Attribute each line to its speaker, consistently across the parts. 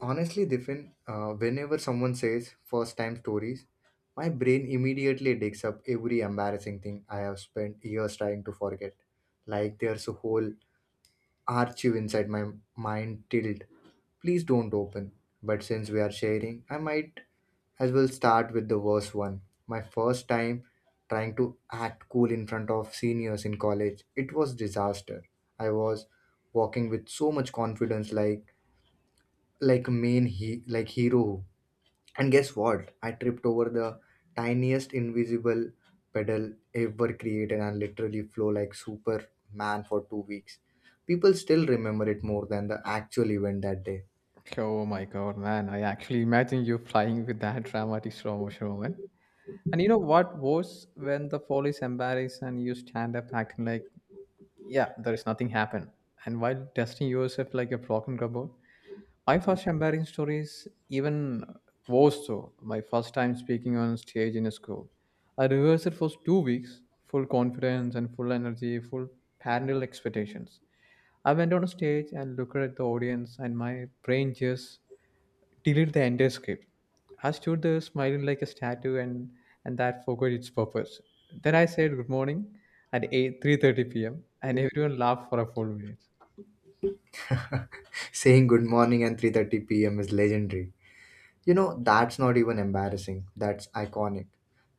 Speaker 1: Honestly, Diffin, whenever someone says first time stories, my brain immediately digs up every embarrassing thing I have spent years trying to forget. Like there's a whole archive inside my mind tilt. Please don't open. But since we are sharing, I might as well start with the worst one. My first time trying to act cool in front of seniors in college, it was disaster. I was walking with so much confidence, like main he, like hero. And guess what, I tripped over the tiniest invisible pedal ever created and literally flow like superman for 2 weeks. People still remember it more than the actual event that day.
Speaker 2: Oh my god, man. I actually imagine you flying with that dramatic slow motion moment. And you know what was when the fall is embarrassed and you stand up acting like, yeah, there is nothing happened. And while testing yourself like a broken robot, my first embarrassing story is even worse though. My first time speaking on stage in a school. I rehearsed it for 2 weeks, full confidence and full energy, full parental expectations. I went on a stage and looked at the audience and my brain just delete the entire script. I stood there smiling like a statue and that forgot its purpose. Then I said good morning at 8, 3:30 p.m. and everyone laughed for a full minute.
Speaker 1: Saying good morning and 3:30 p.m. is legendary. You know, that's not even embarrassing. That's iconic.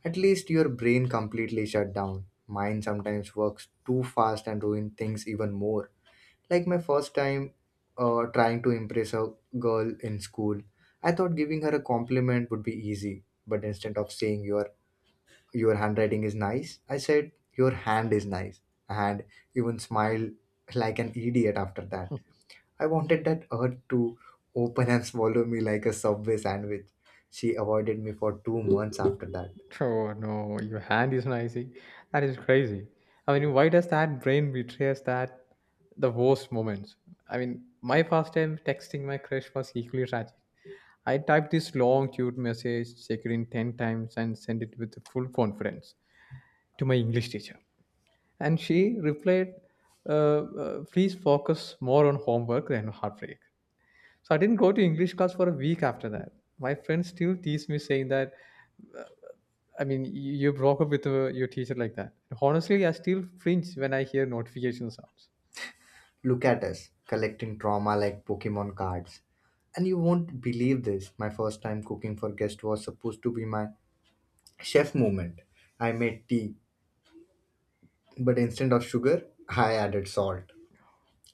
Speaker 1: At least your brain completely shut down. Mine sometimes works too fast and ruin things even more. Like my first time trying to impress a girl in school, I thought giving her a compliment would be easy. But instead of saying your handwriting is nice, I said your hand is nice, and even smiled like an idiot after that. I wanted that earth to open and swallow me like a subway sandwich. She avoided me for 2 months after that.
Speaker 2: Oh no, your hand is noisy. That is crazy. I mean, why does that brain betray us that the worst moments? I mean, my first time texting my crush was equally tragic. I typed this long, cute message, checked it in 10 times, and sent it with full confidence to my English teacher. And she replied, uh, please focus more on homework than heartbreak. So I didn't go to English class for a week after that. My friends still tease me saying that, I mean, you broke up with your teacher like that. Honestly, I still flinch when I hear notification sounds.
Speaker 1: Look at us, collecting trauma like Pokemon cards. And you won't believe this. My first time cooking for guest was supposed to be my Chef moment. I made tea, but instead of sugar, I added salt.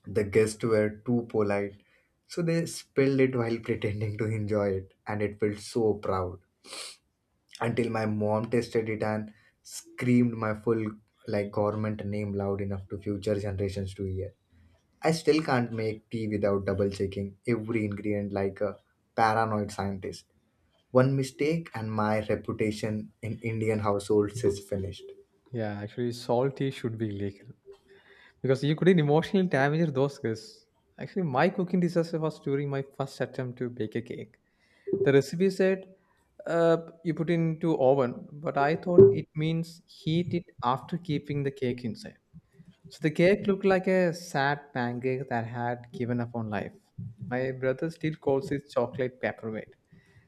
Speaker 1: The guests were too polite, so they spilled it while pretending to enjoy it, and it felt so proud. Until my mom tasted it and screamed my full like government name loud enough to future generations to hear. I still can't make tea without double checking every ingredient like a paranoid scientist. One mistake and my reputation in Indian households is finished.
Speaker 2: Yeah, actually, salty should be illegal because you couldn't emotionally damage those girls. Actually, my cooking disaster was during my first attempt to bake a cake. The recipe said uh, you put it into oven, but I thought it means heat it after keeping the cake inside. So the cake looked like a sad pancake that had given up on life. My brother still calls it chocolate paperweight.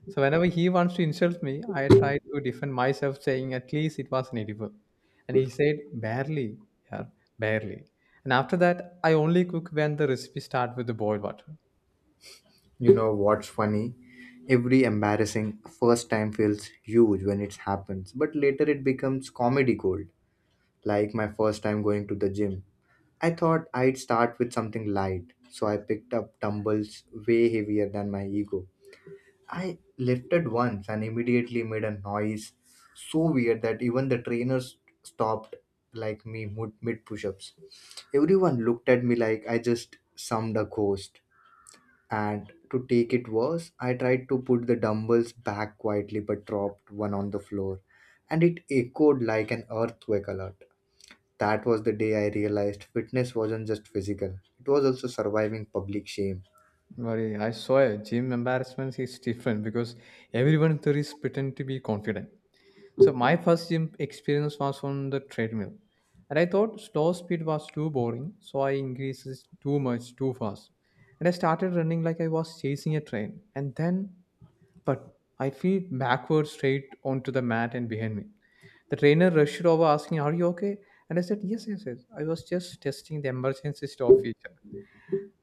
Speaker 2: So whenever he wants to insult me, I try to defend myself, saying at least it was an edible. And he said barely, yeah, barely. And after that, I only cook when the recipe starts with the boiled water.
Speaker 1: You know what's funny? Every embarrassing first time feels huge when it happens, but later it becomes comedy gold. Like my first time going to the gym. I thought I'd start with something light, so I picked up dumbbells way heavier than my ego. I lifted once and immediately made a noise so weird that even the trainers stopped like me mid push ups. Everyone looked at me like I just summed a ghost. And to take it worse, I tried to put the dumbbells back quietly but dropped one on the floor, and it echoed like an earthquake alert. That was the day I realized fitness wasn't just physical, it was also surviving public shame.
Speaker 2: Worry. I saw a gym embarrassment is different because everyone there is pretend to be confident. So my first gym experience was on the treadmill. And I thought slow speed was too boring, so I increased it too much, too fast. And I started running like I was chasing a train. And then but I fell backwards straight onto the mat and behind me. The trainer rushed over asking, "Are you okay?" And I said, "Yes, yes, yes. I was just testing the emergency stop feature."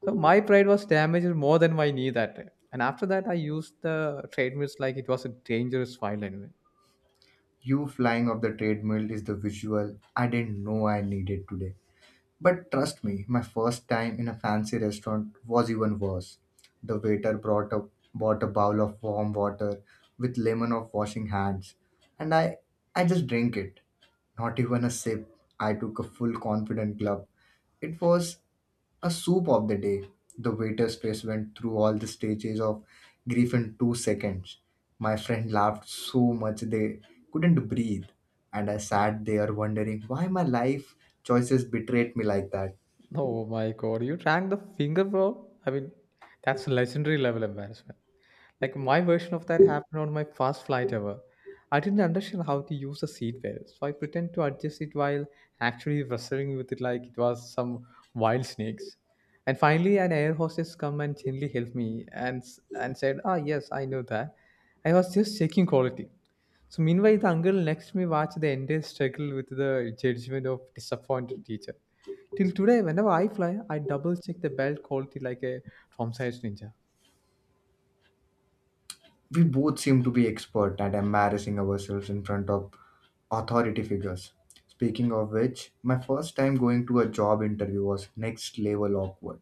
Speaker 2: So my pride was damaged more than my knee that day. And after that, I used the treadmills like it was a dangerous file anyway.
Speaker 1: You flying off the treadmill is the visual I didn't know I needed today. But trust me, my first time in a fancy restaurant was even worse. The waiter bought a bowl of warm water with lemon of washing hands, and I just drank it. Not even a sip. I took a full confident gulp. It was a soup of the day. The waiter's face went through all the stages of grief in 2 seconds. My friend laughed so much they couldn't breathe, and I sat there wondering why my life choices betrayed me like that.
Speaker 2: Oh my god, you drank the finger, bro? I mean, that's legendary level embarrassment. Like my version of that happened on my first flight ever. I didn't understand how to use the seat belt, so I pretend to adjust it while actually wrestling with it like it was some wild snakes. And finally, an air hostess come and gently helped me and and said, "Ah, yes, I know that. I was just checking quality." So meanwhile, the uncle next to me watched the entire struggle with the judgment of disappointed teacher. Till today, whenever I fly, I double check the belt quality like a from size ninja.
Speaker 1: We both seemed to be expert at embarrassing ourselves in front of authority figures. Speaking of which, my first time going to a job interview was next level awkward.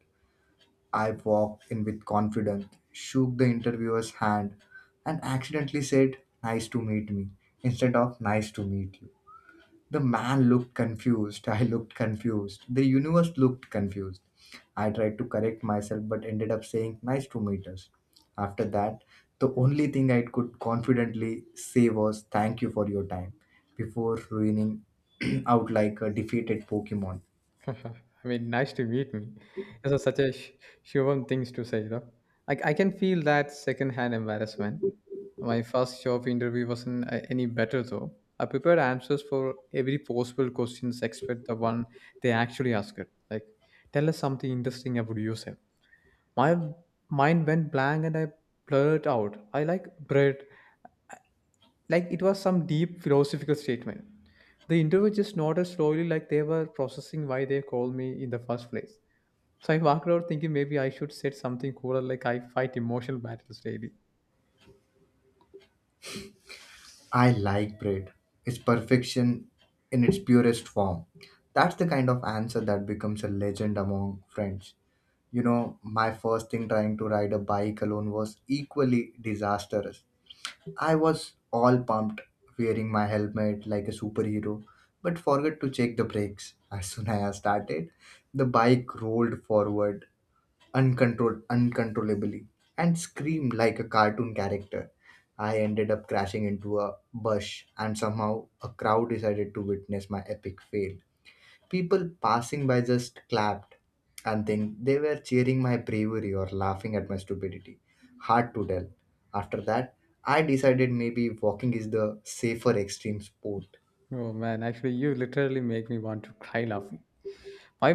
Speaker 1: I walked in with confidence, shook the interviewer's hand, and accidentally said, "Nice to meet me," instead of "Nice to meet you." The man looked confused. I looked confused. The universe looked confused. I tried to correct myself but ended up saying, "Nice to meet us." After that, the only thing I could confidently say was, "Thank you for your time," before ruining out like a defeated Pokemon.
Speaker 2: I mean, nice to meet me. This is such a human things to say, though. Like, I can feel that secondhand embarrassment. My first job interview wasn't any better, though. I prepared answers for every possible questions except the one they actually asked. Like, tell us something interesting about yourself. My mind went blank and I blurted out, "I like bread," like it was some deep philosophical statement. The interviewer just nodded slowly, like they were processing why they called me in the first place. So I walked out thinking maybe I should say something cooler, like I fight emotional battles daily.
Speaker 1: I like bread. It's perfection in its purest form. That's the kind of answer that becomes a legend among friends. You know, my first thing trying to ride a bike alone was equally disastrous. I was all pumped, wearing my helmet like a superhero, but forgot to check the brakes. As soon as I started, the bike rolled forward uncontrolled uncontrollably and screamed like a cartoon character. I ended up crashing into a bush and somehow a crowd decided to witness my epic fail. People passing by just clapped and then they were cheering my bravery or laughing at my stupidity. Hard to tell. After that, I decided maybe walking is the safer extreme sport.
Speaker 2: Oh man, actually, you literally make me want to cry laughing. My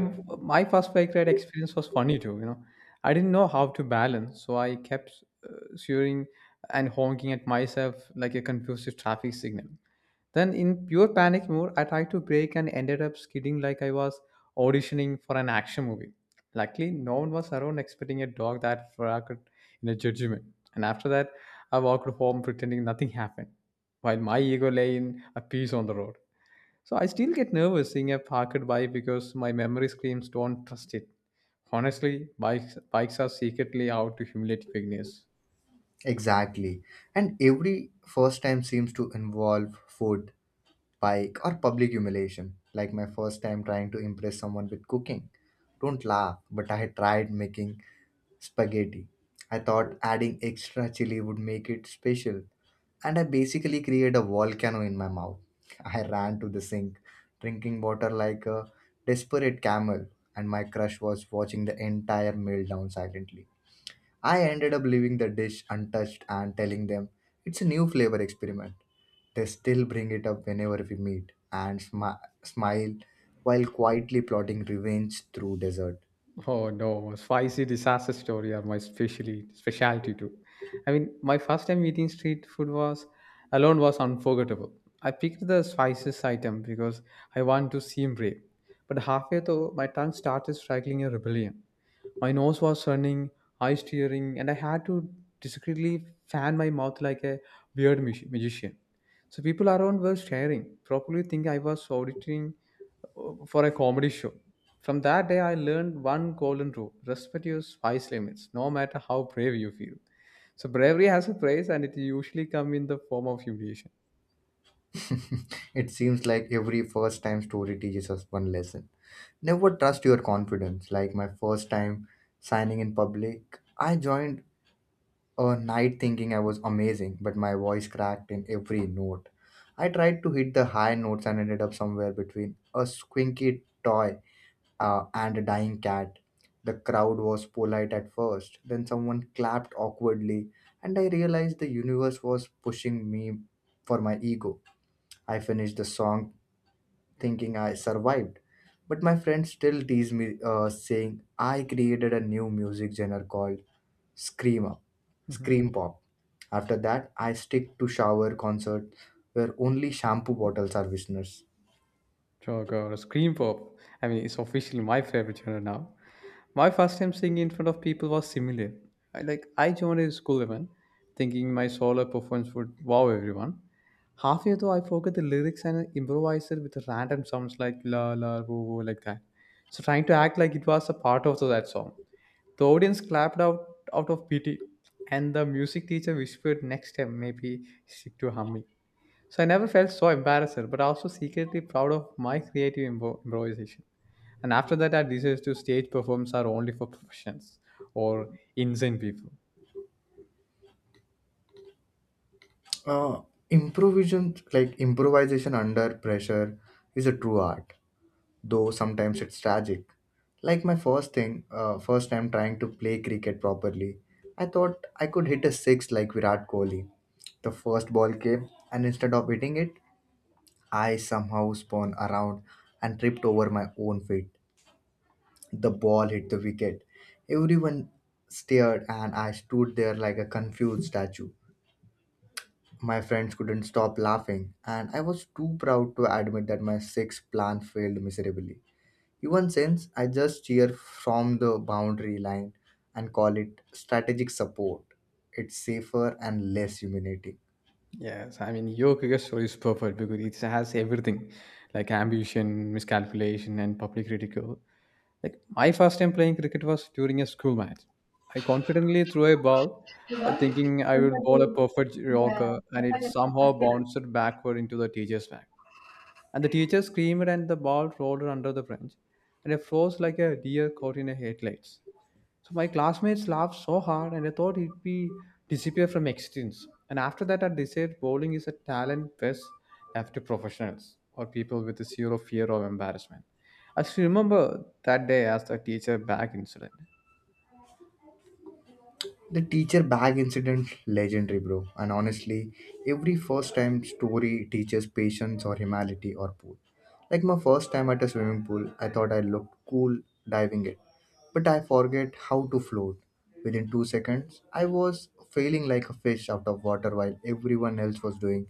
Speaker 2: my first bike ride experience was funny too. You know, I didn't know how to balance, so I kept swearing and honking at myself like a confused traffic signal. Then, in pure panic mode, I tried to brake and ended up skidding like I was auditioning for an action movie. Luckily, no one was around expecting a dog that fracked in a judgment. And after that, I walked home pretending nothing happened, while my ego lay in a piece on the road. So I still get nervous seeing a parked bike because my memory screams don't trust it. Honestly, bikes are secretly out to humiliate beginners.
Speaker 1: Exactly. And every first time seems to involve food pike, or public humiliation, like my first time trying to impress someone with cooking. Don't laugh, but I tried making spaghetti. I thought adding extra chili would make it special, and I basically created a volcano in my mouth. I ran to the sink, drinking water like a desperate camel, and my crush was watching the entire meal down silently. I ended up leaving the dish untouched and telling them it's a new flavor experiment. They still bring it up whenever we meet and smile while quietly plotting revenge through dessert.
Speaker 2: Oh no, spicy disaster story are my specialty too. I mean, my first time eating street food was alone was unforgettable. I picked the spices item because I want to seem brave, but halfway through my tongue started striking a rebellion. My nose was running, eyes tearing, and I had to discreetly fan my mouth like a weird magician. So people around were staring, probably thinking I was auditing for a comedy show. From that day, I learned one golden rule respect your spice limits, no matter how brave you feel. So bravery has a price, and it usually comes in the form of humiliation.
Speaker 1: It seems like every first time story teaches us one lesson. Never trust your confidence. Like my first time signing in public, I joined a night thinking I was amazing, but my voice cracked in every note. I tried to hit the high notes and ended up somewhere between a squinky toy and a dying cat. The crowd was polite at first, then someone clapped awkwardly, and I realized the universe was pushing me for my ego. I finished the song thinking I survived. But my friends still tease me, saying I created a new music genre called scream up,
Speaker 2: Mhm.
Speaker 1: scream pop. After that, I stick to shower concerts where only shampoo bottles are listeners.
Speaker 2: Oh god, Scream Pop. I mean, it's officially my favorite genre now. My first time singing in front of people was similar. Like I joined a school event, thinking my solo performance would wow everyone. Halfway through, I forgot the lyrics and improvised it with random sounds like la la woo woo like that. So trying to act like it was a part of that song. The audience clapped out of pity, and the music teacher whispered, "Next time, maybe stick to humming." So I never felt so embarrassed, but also secretly proud of my creative improvisation. And after that, our desires to stage performs are only for professions or insane people.
Speaker 1: Uh, Improvisation, like improvisation under pressure, is a true art, though sometimes it's tragic. Like my first time trying to play cricket properly, I thought I could hit a six like Virat Kohli. The first ball came, and instead of hitting it, I somehow spun around and tripped over my own feet. The ball hit the wicket. Everyone stared, and I stood there like a confused statue. My friends couldn't stop laughing, and I was too proud to admit that my sixth plan failed miserably. Even since I just cheer from the boundary line and call it strategic support. It's safer and less humiliating.
Speaker 2: Yes, I mean, your cricket story is perfect because it has everything like ambition, miscalculation, and public ridicule. Like, my first time playing cricket was during a school match. I confidently threw a ball, thinking I would bowl a perfect Yorker, and it somehow bounced backward into the teacher's bag. And the teacher screamed, and the ball rolled under the bench, and it froze like a deer caught in a headlights. So my classmates laughed so hard and I thought it'd be disappear from existence. And after that I decided bowling is a talent best left to professionals or people with zero fear of embarrassment. I still remember that day as the teacher back incident.
Speaker 1: The teacher bag incident legendary bro, and honestly every first time story teaches patience or humility or pool. Like my first time at a swimming pool, I thought I looked cool diving it, but I forget how to float. Within 2 seconds I was failing like a fish out of water while everyone else was doing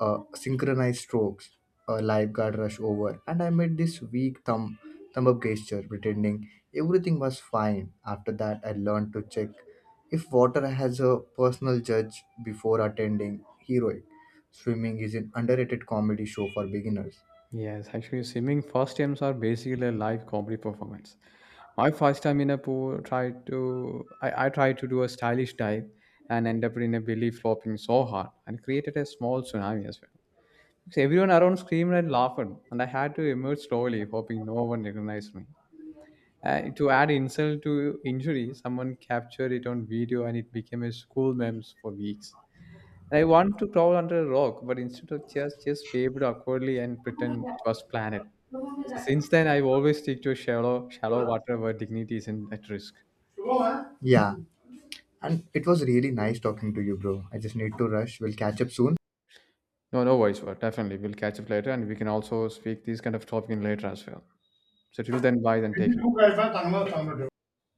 Speaker 1: synchronized strokes. A lifeguard rush over, and I made this weak thumb up gesture, pretending everything was fine. After that, I learned to check if water has a personal judge before attending heroic. Swimming is an underrated comedy show for beginners.
Speaker 2: Yes, actually swimming first times are basically a live comedy performance. My first time in a pool tried to I tried to do a stylish dive and ended up in a belly flopping so hard and created a small tsunami as well. So everyone around screamed and laughed, and I had to emerge slowly, hoping no one recognized me. To add insult to injury, someone captured it on video and it became a school meme for weeks. And I wanted to crawl under a rock, but instead of just waved awkwardly and pretend it was planned. So since then, I've always stick to shallow water where dignity isn't at risk.
Speaker 1: Yeah, and it was really nice talking to you, bro. I just need to rush. We'll catch up soon.
Speaker 2: No, no worries, but definitely we'll catch up later, and we can also speak this kind of topic in later as well. So till then, bye, then take care.